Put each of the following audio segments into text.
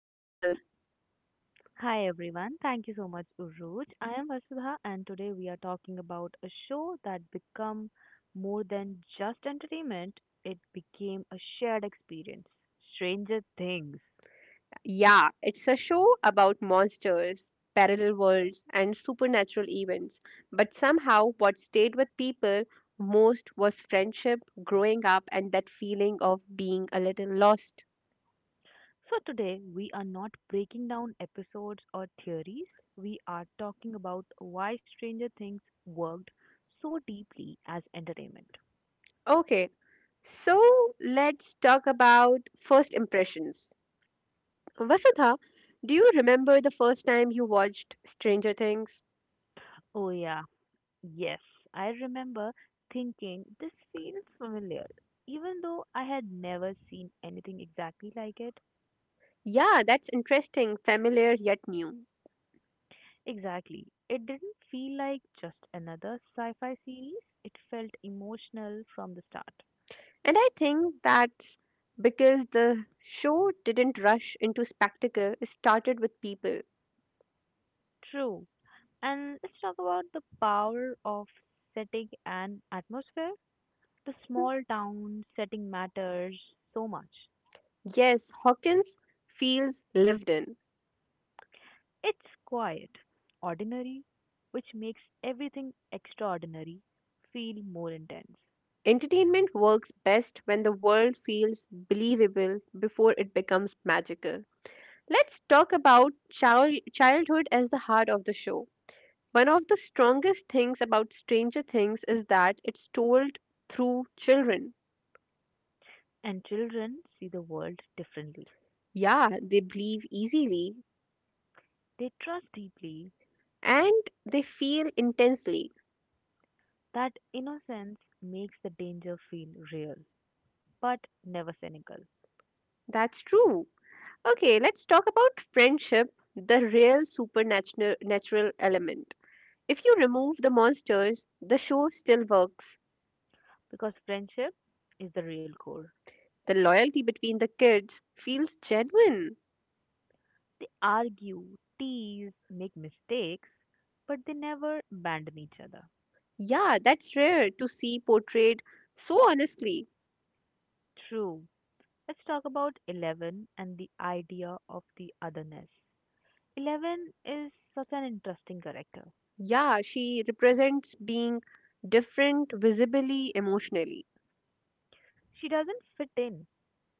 and welcome. Hi everyone, thank you so much, Uruj. I am Vasudha, and today we are talking about a show that became more than just entertainment, it became a shared experience Stranger Things. Yeah, it's a show about monsters, parallel worlds, and supernatural events. But somehow, what stayed with people most was friendship, growing up, and that feeling of being a little lost. So, today we are not breaking down episodes or theories, we are talking about why Stranger Things worked so deeply as entertainment. Okay, so let's talk about first impressions. Vasudha, do you remember the first time you watched Stranger Things? Oh, yeah, yes, I remember thinking this feels familiar, even though I had never seen anything exactly like it. Yeah, that's interesting, familiar yet new. Exactly. It didn't feel like just another sci fi series, it felt emotional from the start. And I think that's because the show didn't rush into spectacle, it started with people. True. And let's talk about the power of setting and atmosphere. The small town setting matters so much. Yes, Hawkins feels lived in. It's quiet, ordinary, which makes everything extraordinary feel more intense. Entertainment works best when the world feels believable before it becomes magical. Let's talk about childhood as the heart of the show. One of the strongest things about Stranger Things is that it's told through children. And children see the world differently. Yeah, they believe easily They trust deeply and they feel intensely. that innocence makes the danger feel real, but never cynical. That's true. Okay, let's talk about friendship, the real supernatural natural element. If you remove the monsters, the show still works. Because friendship is the real core. The loyalty between the kids feels genuine. They argue, tease, make mistakes, but they never abandon each other. Yeah, that's rare to see portrayed so honestly. True. Let's talk about 11 and the idea of the otherness. 11 is such an interesting character. Yeah, she represents being different visibly emotionally. She doesn't fit in,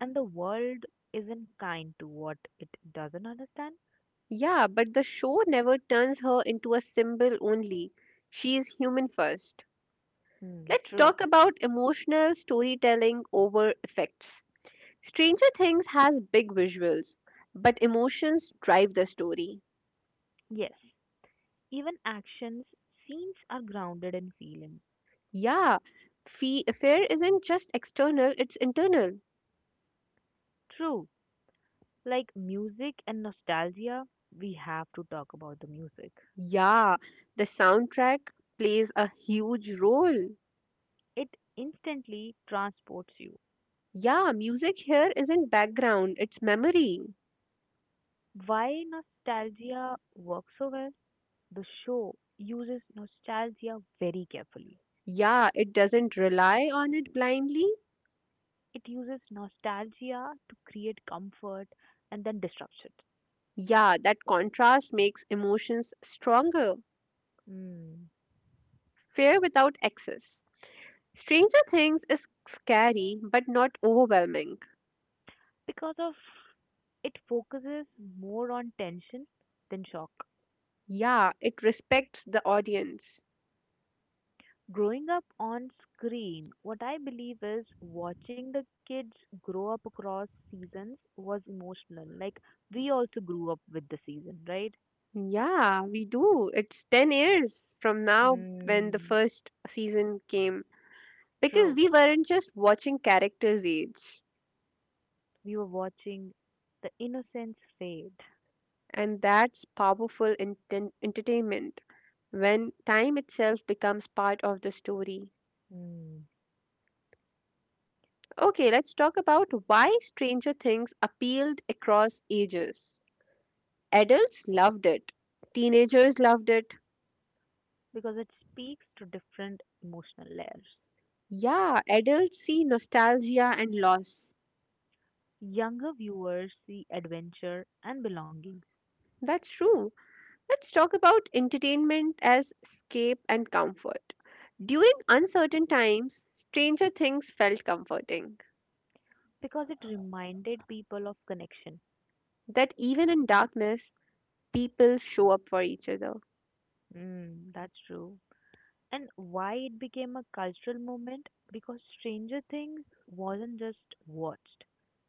and the world isn't kind to what it doesn't understand. Yeah, but the show never turns her into a symbol only. She is human first. Hmm, Let's true. talk about emotional storytelling over effects. Stranger Things has big visuals, but emotions drive the story. Yes, even actions, scenes are grounded in feeling. Yeah, Fee Affair isn't just external, it's internal. True, like music and nostalgia, we have to talk about the music. Yeah, the soundtrack plays a huge role. It instantly transports you. Yeah, music here isn't background, it's memory. Why nostalgia works so well? The show uses nostalgia very carefully. Yeah, it doesn't rely on it blindly. It uses nostalgia to create comfort and then disruption. Yeah, that contrast makes emotions stronger. Mm. Fear without excess. Stranger Things is scary but not overwhelming. Because of it focuses more on tension than shock. Yeah, it respects the audience. Growing up on screen, what I believe is watching the kids grow up across seasons was emotional. Like we also grew up with the season, right? Yeah, we do. It's 10 years from now when the Mm. first season came, because True. we weren't just watching characters age. We were watching the innocence fade. And that's powerful entertainment when time itself becomes part of the story. Mm. Okay, let's talk about why Stranger Things appealed across ages. Adults loved it, teenagers loved it. Because it speaks to different emotional layers. Yeah, adults see nostalgia and loss. Younger viewers see adventure and belonging That's true. Let's talk about entertainment as escape and comfort. During uncertain times, Stranger Things felt comforting. because it reminded people of connection. That even in darkness, people show up for each other. Mm, that's true. And why it became a cultural movement? Because Stranger Things wasn't just watched,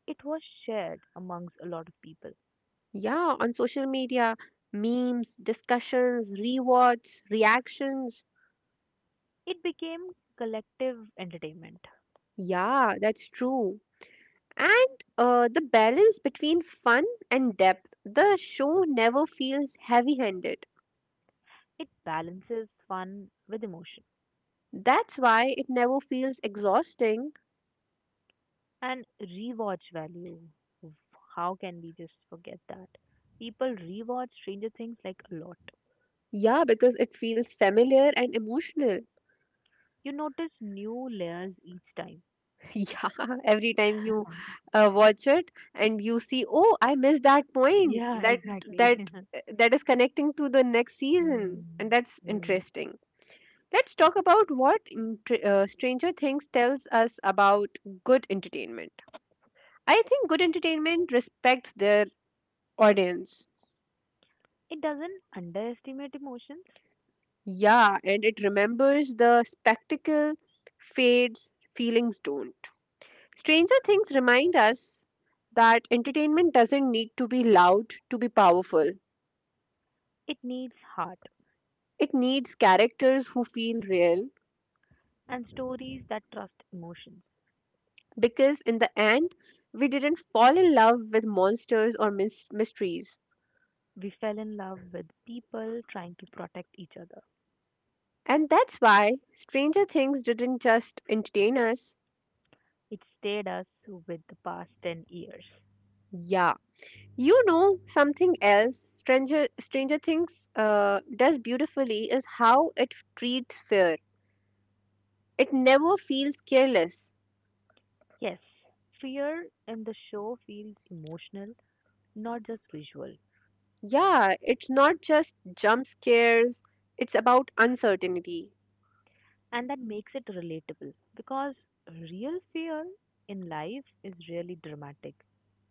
it was shared amongst a lot of people. Yeah, on social media, memes, discussions, rewards, reactions. It became collective entertainment. Yeah, that's true. And the balance between fun and depth. The show never feels heavy handed. It balances fun with emotion That's why it never feels exhausting. and rewatch value. How can we just forget that? People rewatch Stranger Things like a lot. Yeah, because it feels familiar and emotional. You notice new layers each time. Yeah, every time you watch it and you see, oh, I missed that point. Yeah, That exactly. that that is connecting to the next season, Mm, and that's mm. interesting. Let's talk about what intr Stranger Things tells us about good entertainment. I think good entertainment respects their audience. It doesn't underestimate emotions. Yeah, and it remembers the spectacle fades, feelings don't. Stranger Things remind us that entertainment doesn't need to be loud to be powerful. It needs heart It needs characters who feel real and stories that trust emotions. because in the end we didn't fall in love with monsters or mysteries. We fell in love with people trying to protect each other. And that's why Stranger Things didn't just entertain us. It stayed us with the past 10 years. Yeah. You know something else Stranger Things does beautifully is how it treats fear. It never feels careless. Yes, fear in the show feels emotional, not just visual. Yeah, it's not just jump scares, it's about uncertainty. And that makes it relatable because real fear in life is really dramatic.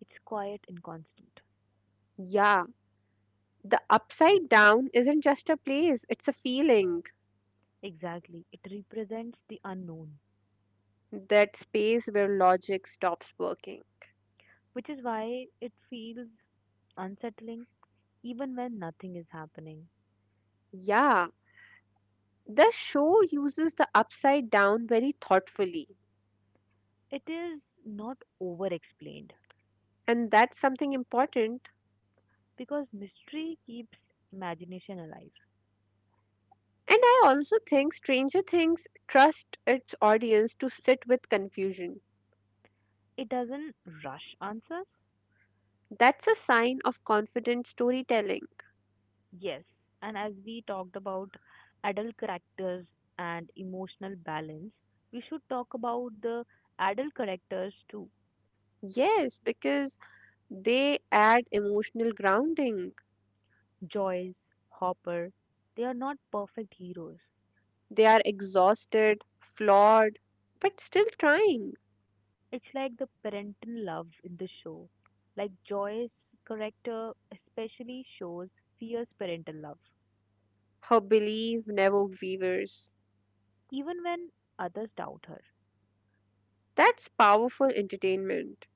It's quiet and constant. Yeah, the upside down isn't just a place, it's a feeling, Exactly. It represents the unknown, that space where logic stops working. which is why it feels unsettling even when nothing is happening. Yeah, the show uses the upside down very thoughtfully, It is not over explained and that's something important. because mystery keeps imagination alive. And I also think Stranger Things trust its audience to sit with confusion. It doesn't rush answers. That's a sign of confident storytelling. Yes, and as we talked about adult characters and emotional balance, we should talk about the adult characters too. Yes, because they add emotional grounding. Joyce, Hopper, they are not perfect heroes. They are exhausted, flawed, but still trying. It's like the parental love in the show. Like Joy's character especially shows fierce parental love, Her belief never wavers. even when others doubt her. That's powerful entertainment.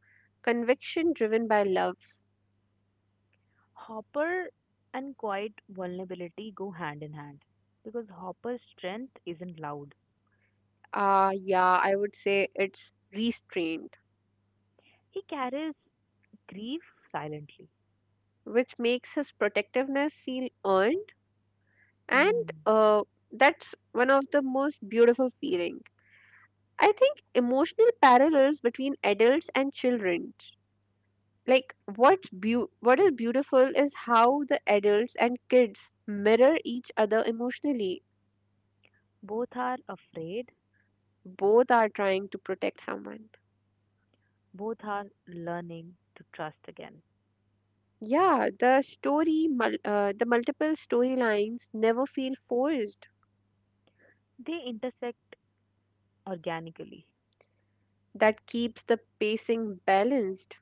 Conviction driven by love. Hopper and quiet vulnerability go hand in hand because Hopper's strength isn't loud. Ah, yeah, I would say it's restrained, He carries grief silently. which makes his protectiveness feel earned, and Hmm. That's one of the most beautiful feeling. I think emotional parallels between adults and children, like what is beautiful is how the adults and kids mirror each other emotionally. Both are afraid, Both are trying to protect someone. both are learning to trust again. Yeah, the the multiple storylines never feel forced. They intersect organically. That keeps the pacing balanced.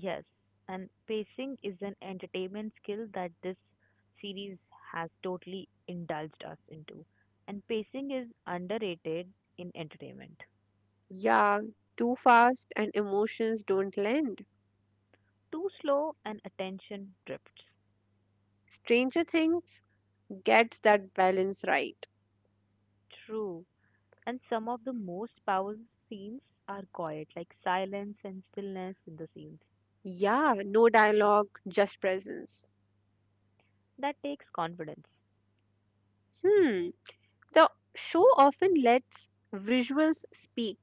Yes, and pacing is an entertainment skill that this series has totally indulged us into. And pacing is underrated in entertainment. Yeah, too fast and emotions don't lend. Too slow and attention drifts. Stranger Things gets that balance right. True. And some of the most powerful scenes are quiet, like silence and stillness in the scenes. Yeah, no dialogue, just presence. That takes confidence. Hmm, the show often lets visuals speak.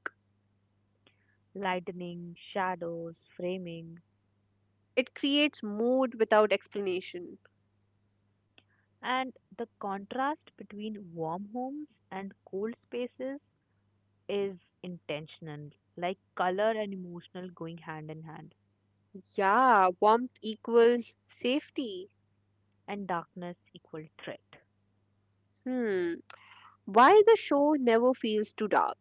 Lightning, shadows, framing, It creates mood without explanation. and the contrast between warm homes and cold spaces is intentional, like color and emotional going hand in hand, Yeah, warmth equals safety. and darkness equal threat. Hmm, why the show never feels too dark?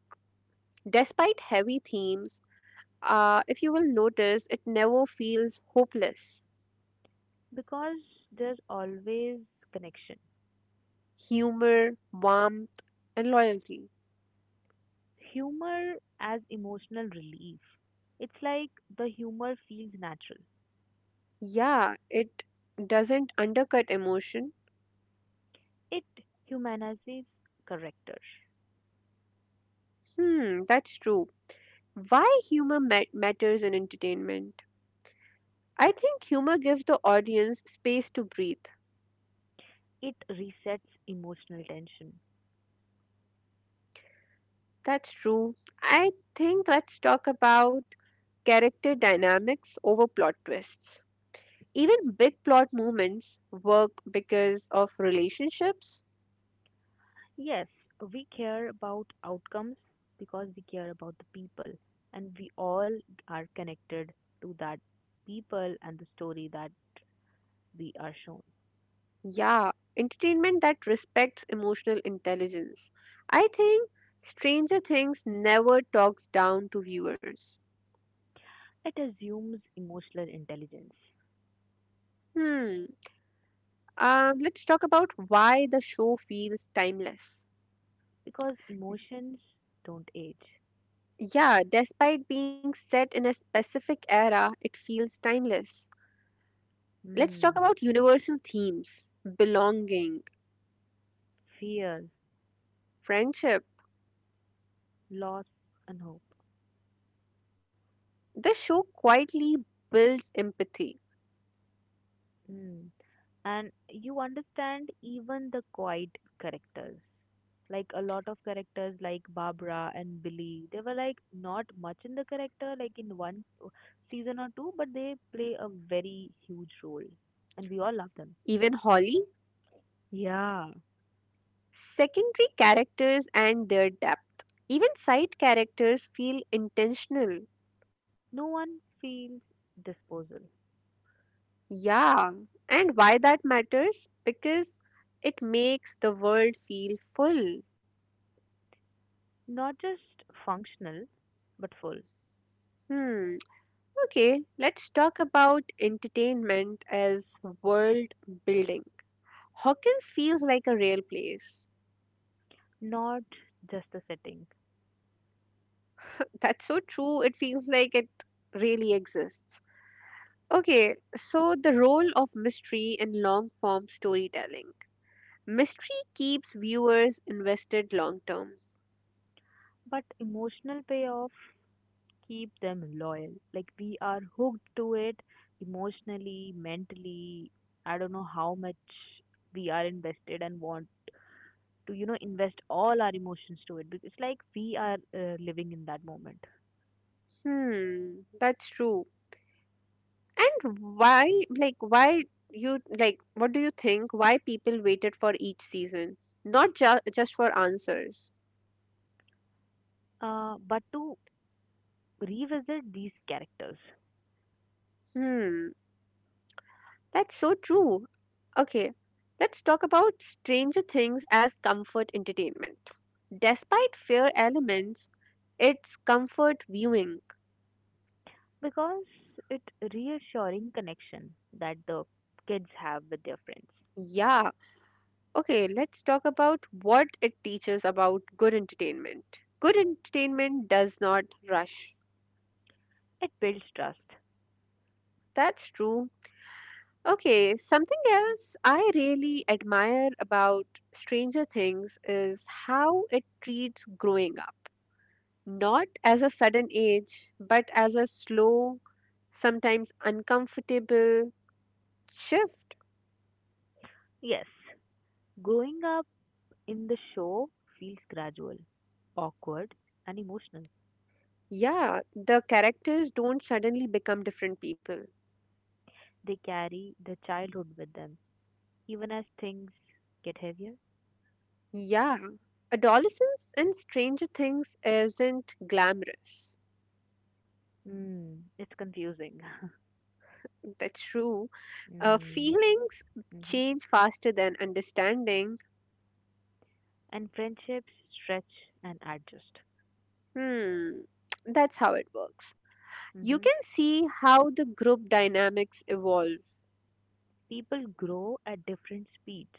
Despite heavy themes, if you will notice, it never feels hopeless. Because there's always connection. Humor, warmth, and loyalty. Humor as emotional relief. It's like the humor feels natural. Yeah, it doesn't undercut emotion. It humanizes character. Hmm, that's true. Why humor matters in entertainment? I think humor gives the audience space to breathe. It resets emotional tension. That's true. I think let's talk about character dynamics over plot twists. Even big plot moments work because of relationships. Yes, we care about outcomes because we care about the people, and we all are connected to that people and the story that we are shown. Yeah, entertainment that respects emotional intelligence. I think Stranger Things never talks down to viewers. It assumes emotional intelligence Hmm. Let's talk about why the show feels timeless. because emotions don't age. Yeah, despite being set in a specific era, it feels timeless. Let's talk Hmm, about universal themes: belonging, fear, friendship. loss, and hope. The show quietly builds empathy. Mm. And you understand even the quiet characters. Like a lot of characters like Barbara and Billy, they were like not much in the character, like in season or two, but they play a very huge role. And we all love them. Even Holly, Yeah. secondary characters, and their depth. Even side characters feel intentional. No one feels disposal. Yeah, and why that matters? Because it makes the world feel full. Not just functional, but full. Hmm. Okay, let's talk about entertainment as world building. Hawkins feels like a real place. Not just the setting, That's so true, it feels like it really exists. Okay, so the role of mystery in long form storytelling. Mystery keeps viewers invested long term. but emotional payoff keep them loyal. Like we are hooked to it emotionally, mentally. I don't know how much we are invested and want to invest all our emotions to it because like we are living in that moment. Hmm, that's true. And why, like, why you, like, what do you think? Why people waited for each season? Not just for answers. But to revisit these characters Hmm. That's so true. Okay, let's talk about Stranger Things as comfort entertainment. Despite fear elements, it's comfort viewing. because it reassuring connection that the kids have with their friends. Yeah. Okay, let's talk about what it teaches about good entertainment. Good entertainment does not rush. It builds trust. That's true. Okay, something else I really admire about Stranger Things is how it treats growing up, not as a sudden age, but as a slow, sometimes uncomfortable shift. Yes, growing up in the show feels gradual, awkward, and emotional. Yeah, the characters don't suddenly become different people. They carry their childhood with them, even as things get heavier. Yeah, adolescence and Stranger Things isn't glamorous. Mm, it's confusing. That's true. Mm. Feelings Mm-hmm. change faster than understanding. And friendships stretch and adjust. Hmm, that's how it works. You Mm-hmm. can see how the group dynamics evolve, People grow at different speeds.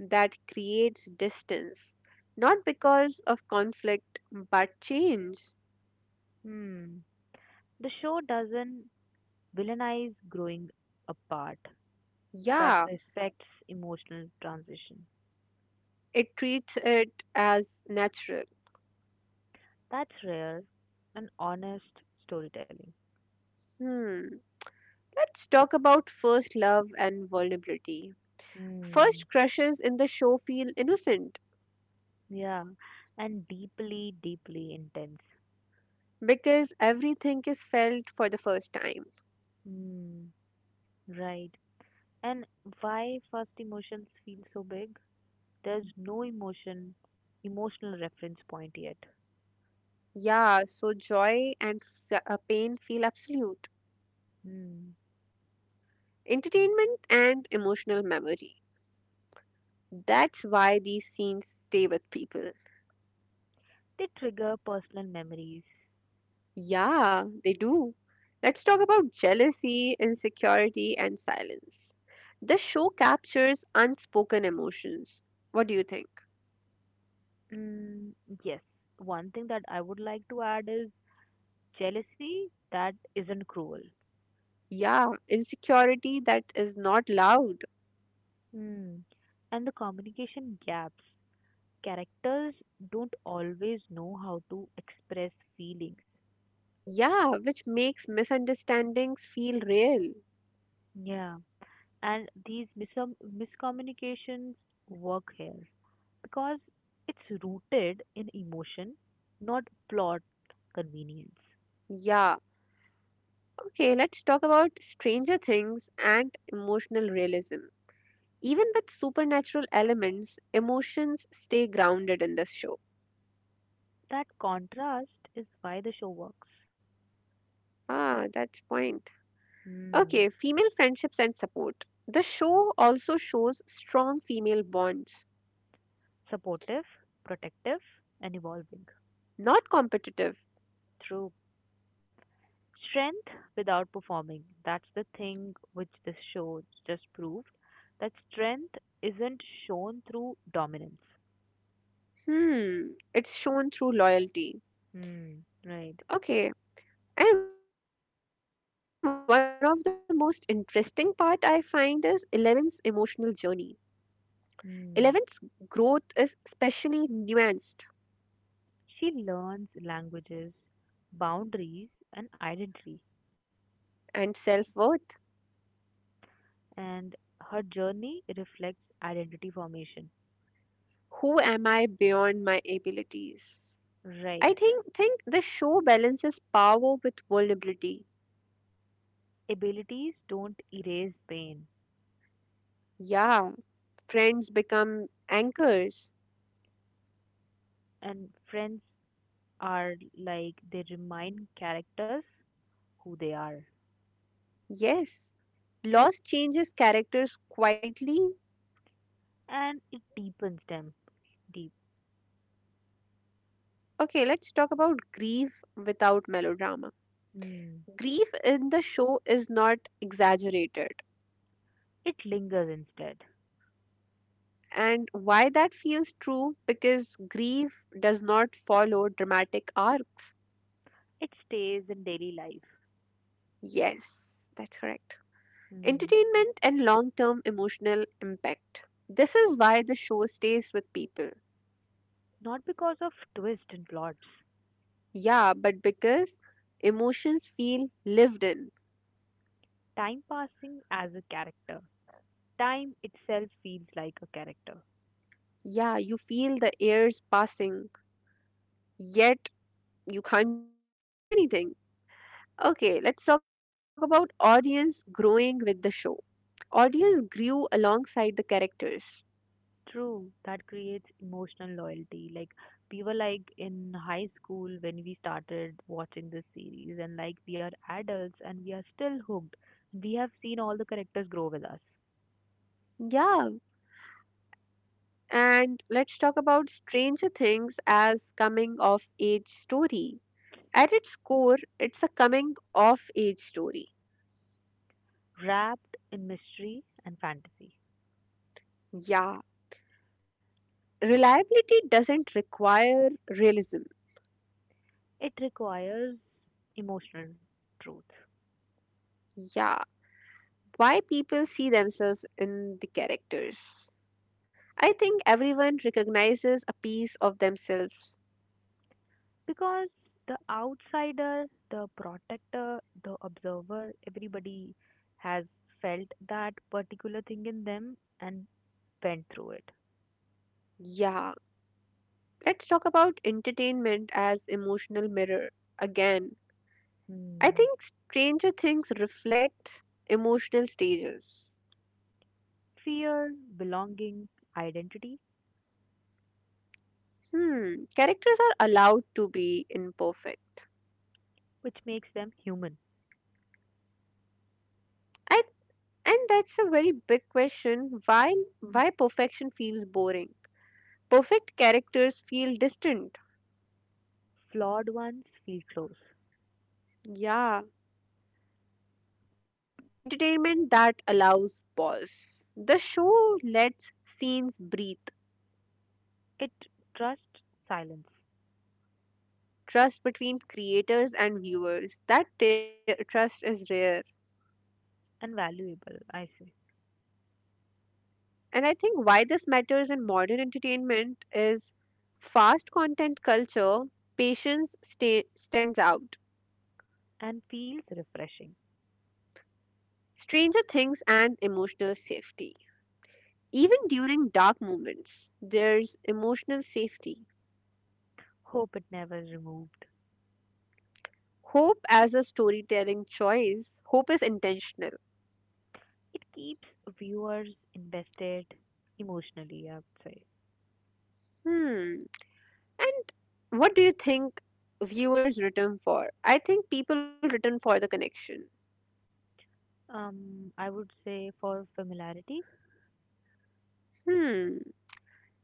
that creates distance, not because of conflict but change. Hmm. The show doesn't villainize growing apart, that Yeah, respects emotional transition. it treats it as natural. That's rare and honest storytelling. Hmm. Let's talk about first love and vulnerability. Mm. First crushes in the show feel innocent Yeah, and deeply, deeply intense. because everything is felt for the first time. Hmm. Right. And why first emotions feel so big? There's no emotion, emotional reference point yet. Yeah, so joy and pain feel absolute. Hmm. Entertainment and emotional memory. That's why these scenes stay with people. They trigger personal memories. Yeah, they do. Let's talk about jealousy, insecurity, and silence. The show captures unspoken emotions. What do you think? Mm, yes. One thing that I would like to add is jealousy that isn't cruel. Yeah, insecurity that is not loud. Hmm. And the communication gaps. Characters don't always know how to express feelings. Yeah, which makes misunderstandings feel real. Yeah. And these miscommunications work here, because it's rooted in emotion, not plot convenience. Yeah, okay, let's talk about Stranger Things and emotional realism. Even with supernatural elements, emotions stay grounded in this show. That contrast is why the show works. Ah, that's point. Okay, Hmm. female friendships and support. The show also shows strong female bonds, Supportive, protective, and evolving. not competitive. True. Strength without performing. That's the thing which this show just proved. That strength isn't shown through dominance. Hmm, it's shown through loyalty. Hmm. Right. Okay, and one of the most interesting part I find is Eleven's emotional journey. Eleven's growth Hmm. is specially nuanced She learns languages, boundaries, and identity, and self-worth. and her journey reflects identity formation. Who am I beyond my abilities? I Right. think think the show balances power with vulnerability. Abilities don't erase pain, Yeah, friends become anchors. and friends are like they remind characters who they are, Yes, loss changes characters quietly. and it deepens them deep. Okay, let's talk about grief without melodrama. Mm. Grief in the show is not exaggerated. It lingers instead. And why that feels true? Because grief does not follow dramatic arcs. It stays in daily life. Yes, that's correct. Mm. Entertainment and long term emotional impact. This is why the show stays with people. Not because of twists and plots. Yeah, but because emotions feel lived in. Time passing as a character. Time itself feels like a character. Yeah, you feel the airs passing, yet you can't do anything. Okay, let's talk about audience growing with the show. Audience grew alongside the characters. True, that creates emotional loyalty. Like we were like in high school when we started watching this series, and like we are adults and we are still hooked. We have seen all the characters grow with us, Yeah, and let's talk about Stranger Things as coming of age story. At its core, it's a coming of age story. wrapped in mystery and fantasy. Yeah, reliability doesn't require realism. It requires emotional truth Yeah, why people see themselves in the characters. I think everyone recognizes a piece of themselves. because the outsider, the protector, the observer, everybody has felt that particular thing in them and went through it. Yeah, let's talk about entertainment as emotional mirror again. I Hmm. think Stranger Things reflect emotional stages. Fear, belonging, identity, Hmm, characters are allowed to be imperfect. which makes them human. I, and that's a very big question, Mm. why perfection feels boring. Perfect characters feel distant. Flawed ones feel close. Yeah, entertainment that allows pause. The show lets scenes breathe, It trusts silence trust between creators and viewers. That trust is rare. and valuable, I say, And I think why this matters in modern entertainment is fast content culture, patience stands out. and feels refreshing. Stranger Things and emotional safety. Even during dark moments, there's emotional safety. Hope it never removed. Hope as a storytelling choice, hope is intentional. It keeps viewers invested emotionally, I would say. Hmm. And what do you think viewers return for? I think people return for the connection. I would say for familiarity, Hmm.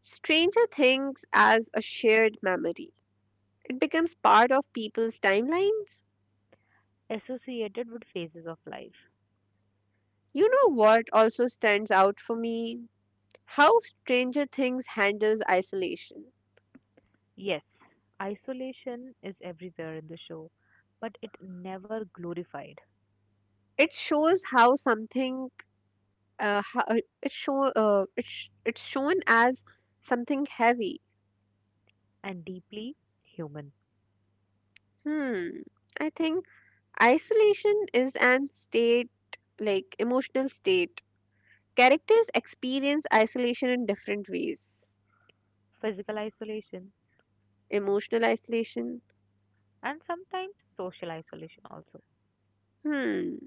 Stranger Things as a shared memory. It becomes part of people's timelines. associated with phases of life. You know what also stands out for me? How Stranger Things handles isolation. Yes, isolation is everywhere in the show, but it never glorified, It shows how something how, it show it's shown as something heavy. and deeply human. Hmm. I think isolation is an state, like emotional state. Characters experience isolation in different ways. Physical isolation Emotional isolation. and sometimes social isolation also. Hmm,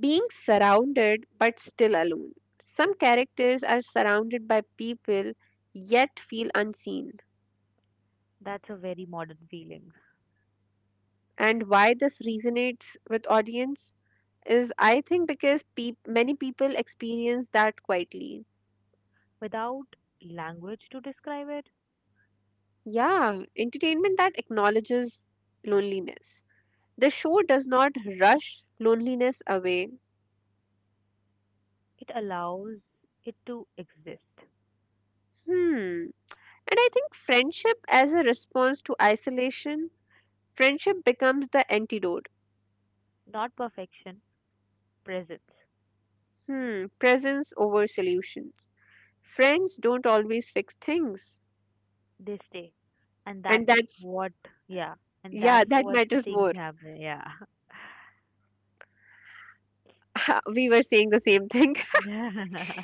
being surrounded but still alone. Some characters are surrounded by people yet feel unseen. That's a very modern feeling. And why this resonates with audience is I think because peop many people experience that quietly. Without language to describe it, Yeah, entertainment that acknowledges loneliness. The show does not rush loneliness away. it allows it to exist. Hmm. And I think friendship as a response to isolation, friendship becomes the antidote. Not perfection, presence. Hmm, presence over solutions. Friends don't always fix things. They stay. And that And is that's, what, yeah, and yeah, that's that what matters more. things happen, yeah. We were saying the same thing.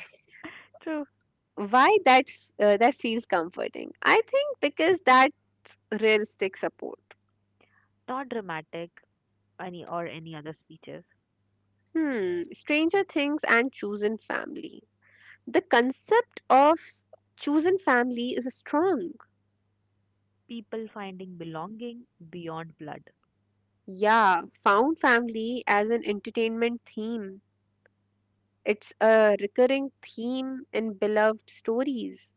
True. Why that, that feels comforting? I think because that realistic support. Not dramatic, any or any other speeches. Hmm, Stranger Things and Chosen Family. The concept of chosen family is strong. People finding belonging beyond blood, Yeah, found family as an entertainment theme. It's a recurring theme in beloved stories.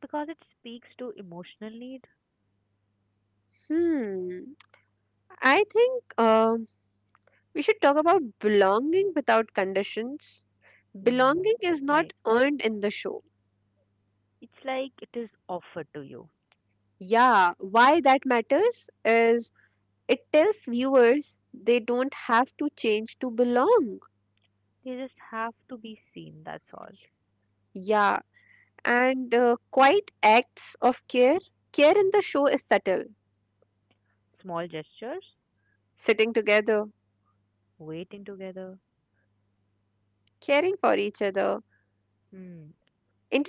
because it speaks to emotional need. Hmm. I think we should talk about belonging without conditions. Mm. Belonging is not Right. earned in the show. It's like it is offered to you. Yeah, why that matters is it tells viewers they don't have to change to belong. They just have to be seen, that's all. Yeah, and quite acts of care. Care in the show is subtle. Small gestures, Sitting together, waiting together. caring for each other, Hmm,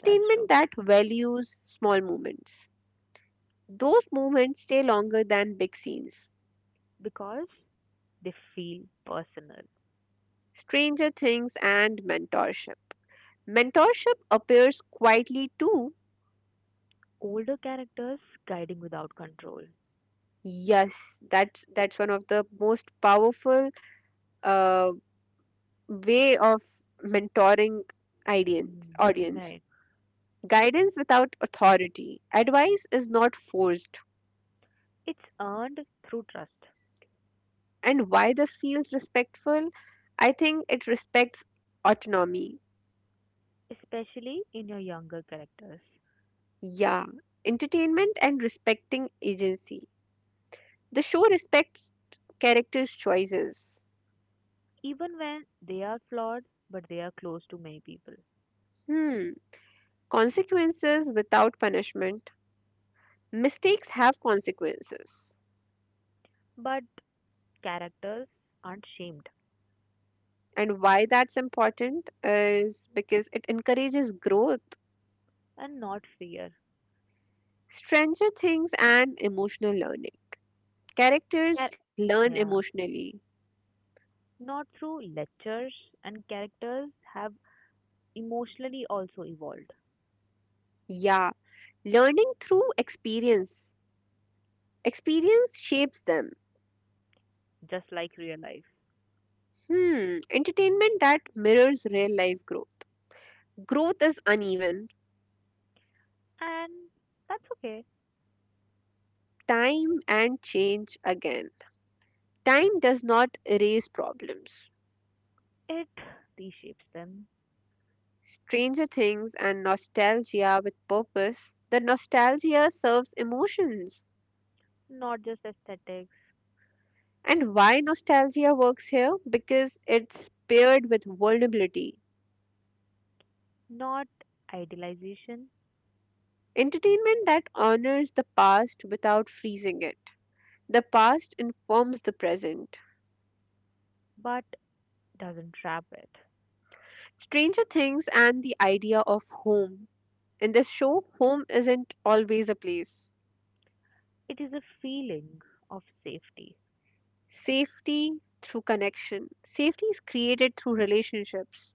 that's true. that values small moments. Those moments stay longer than big scenes. Because they feel personal. Stranger Things and mentorship. Mentorship appears quietly too. Older characters guiding without control. Yes, that's one of the most powerful uh, way of mentoring audience. Mm. Audience Right. guidance without authority. Advice is not forced. It's earned through trust, And why this feels respectful? I think it respects autonomy. especially in your younger characters. Yeah, entertainment and respecting agency. The show respects characters' choices. Even when they are flawed, but they are close to many people. Hmm. Consequences without punishment. Mistakes have consequences. But characters aren't shamed And why that's important is because it encourages growth, and not fear. stranger things, and emotional learning. Characters Char- learn yeah. emotionally. Not through lectures, and characters have emotionally also evolved. Yeah, learning through experience. Experience shapes them. Just like real life. Hmm, entertainment that mirrors real life growth. Growth is uneven. And that's okay. Time and change again. Time does not erase problems. It reshapes them. Stranger Things and Nostalgia with Purpose, the nostalgia serves emotions. Not just aesthetics, And why nostalgia works here? Because it's paired with vulnerability. not idealization, Entertainment that honors the past without freezing it. The past informs the present. but doesn't trap it. Stranger Things and the idea of home. In this show, home isn't always a place. It is a feeling of safety Safety through connection. Safety is created through relationships.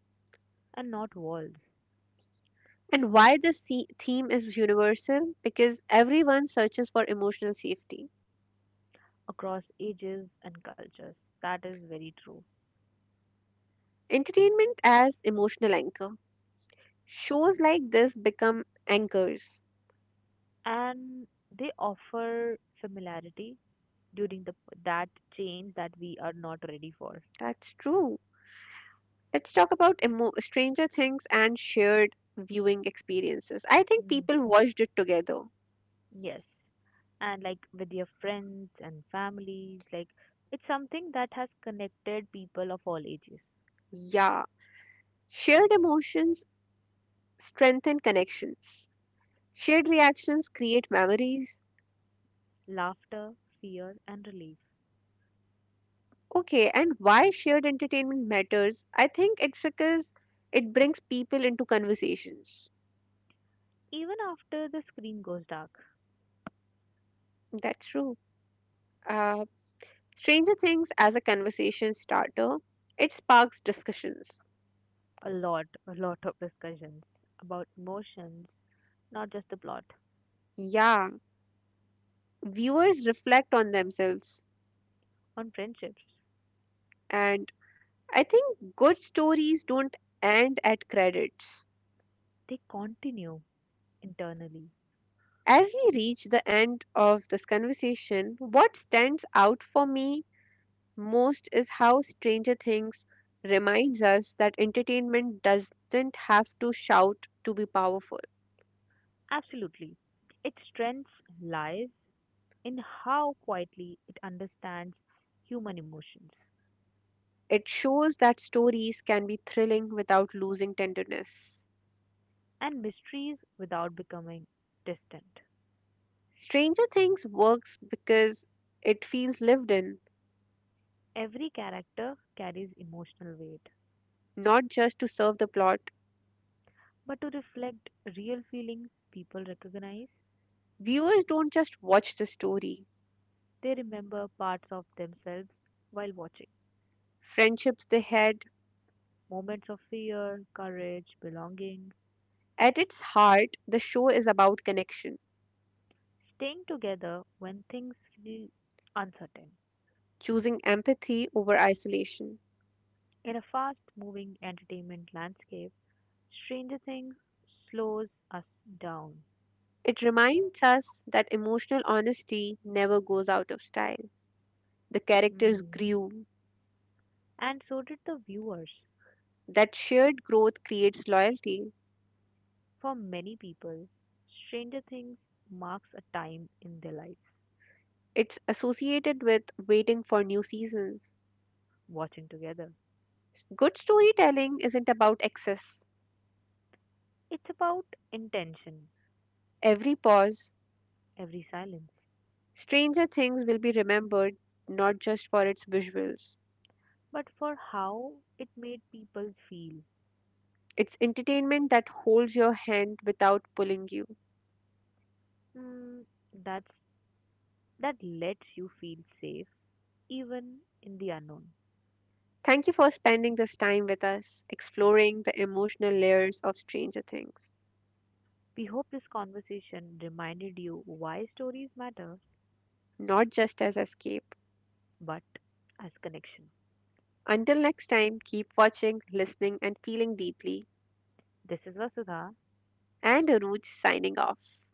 and not walls And why this theme is universal? Because everyone searches for emotional safety. across ages and cultures. That is very true. Entertainment as emotional anchor. Shows like this become anchors. And they offer familiarity during the that change that we are not ready for. That's true. Let's talk about Stranger Things and shared viewing experiences. I think Mm. people watched it together. Yes, and like with your friends and families like it's something that has connected people of all ages, Yeah. Shared emotions strengthen connections. Shared reactions create memories. laughter, fear and relief, Okay, and why shared entertainment matters? I think it's because it brings people into conversations. even after the screen goes dark. That's true. Uh, Stranger Things as a conversation starter, it sparks discussions. A lot a lot of discussions about emotions, not just the plot, Yeah, viewers reflect on themselves. on friendships, And I think good stories don't end at credits. they continue internally. As we reach the end of this conversation, what stands out for me most is how Stranger Things reminds us that entertainment doesn't have to shout to be powerful. Absolutely. Its strength lies in how quietly it understands human emotions It shows that stories can be thrilling without losing tenderness. and mysteries without becoming distant. Stranger Things works because it feels lived in, Every character carries emotional weight, not just to serve the plot. but to reflect real feelings people recognize, Viewers don't just watch the story, they remember parts of themselves while watching. friendships they had. Moments of fear, courage, belonging, At its heart, the show is about connection, staying together when things feel uncertain. choosing empathy over isolation. In a fast moving entertainment landscape, Stranger Things slows us down. It reminds us that emotional honesty never goes out of style. The characters Hmm. grew. And so did the viewers. That shared growth creates loyalty. For many people, Stranger Things marks a time in their life It's associated with waiting for new seasons. watching together. Good storytelling isn't about excess. It's about intention, Every pause, every silence, Stranger Things will be remembered not just for its visuals. but for how it made people feel. It's entertainment that holds your hand without pulling you. Hmm, that's that lets you feel safe even in the unknown. Thank you for spending this time with us, exploring the emotional layers of Stranger Things. We hope this conversation reminded you why stories matter, Not just as escape. but as connection. Until next time, keep watching, listening, and feeling deeply. This is Vasudha And Aruj signing off.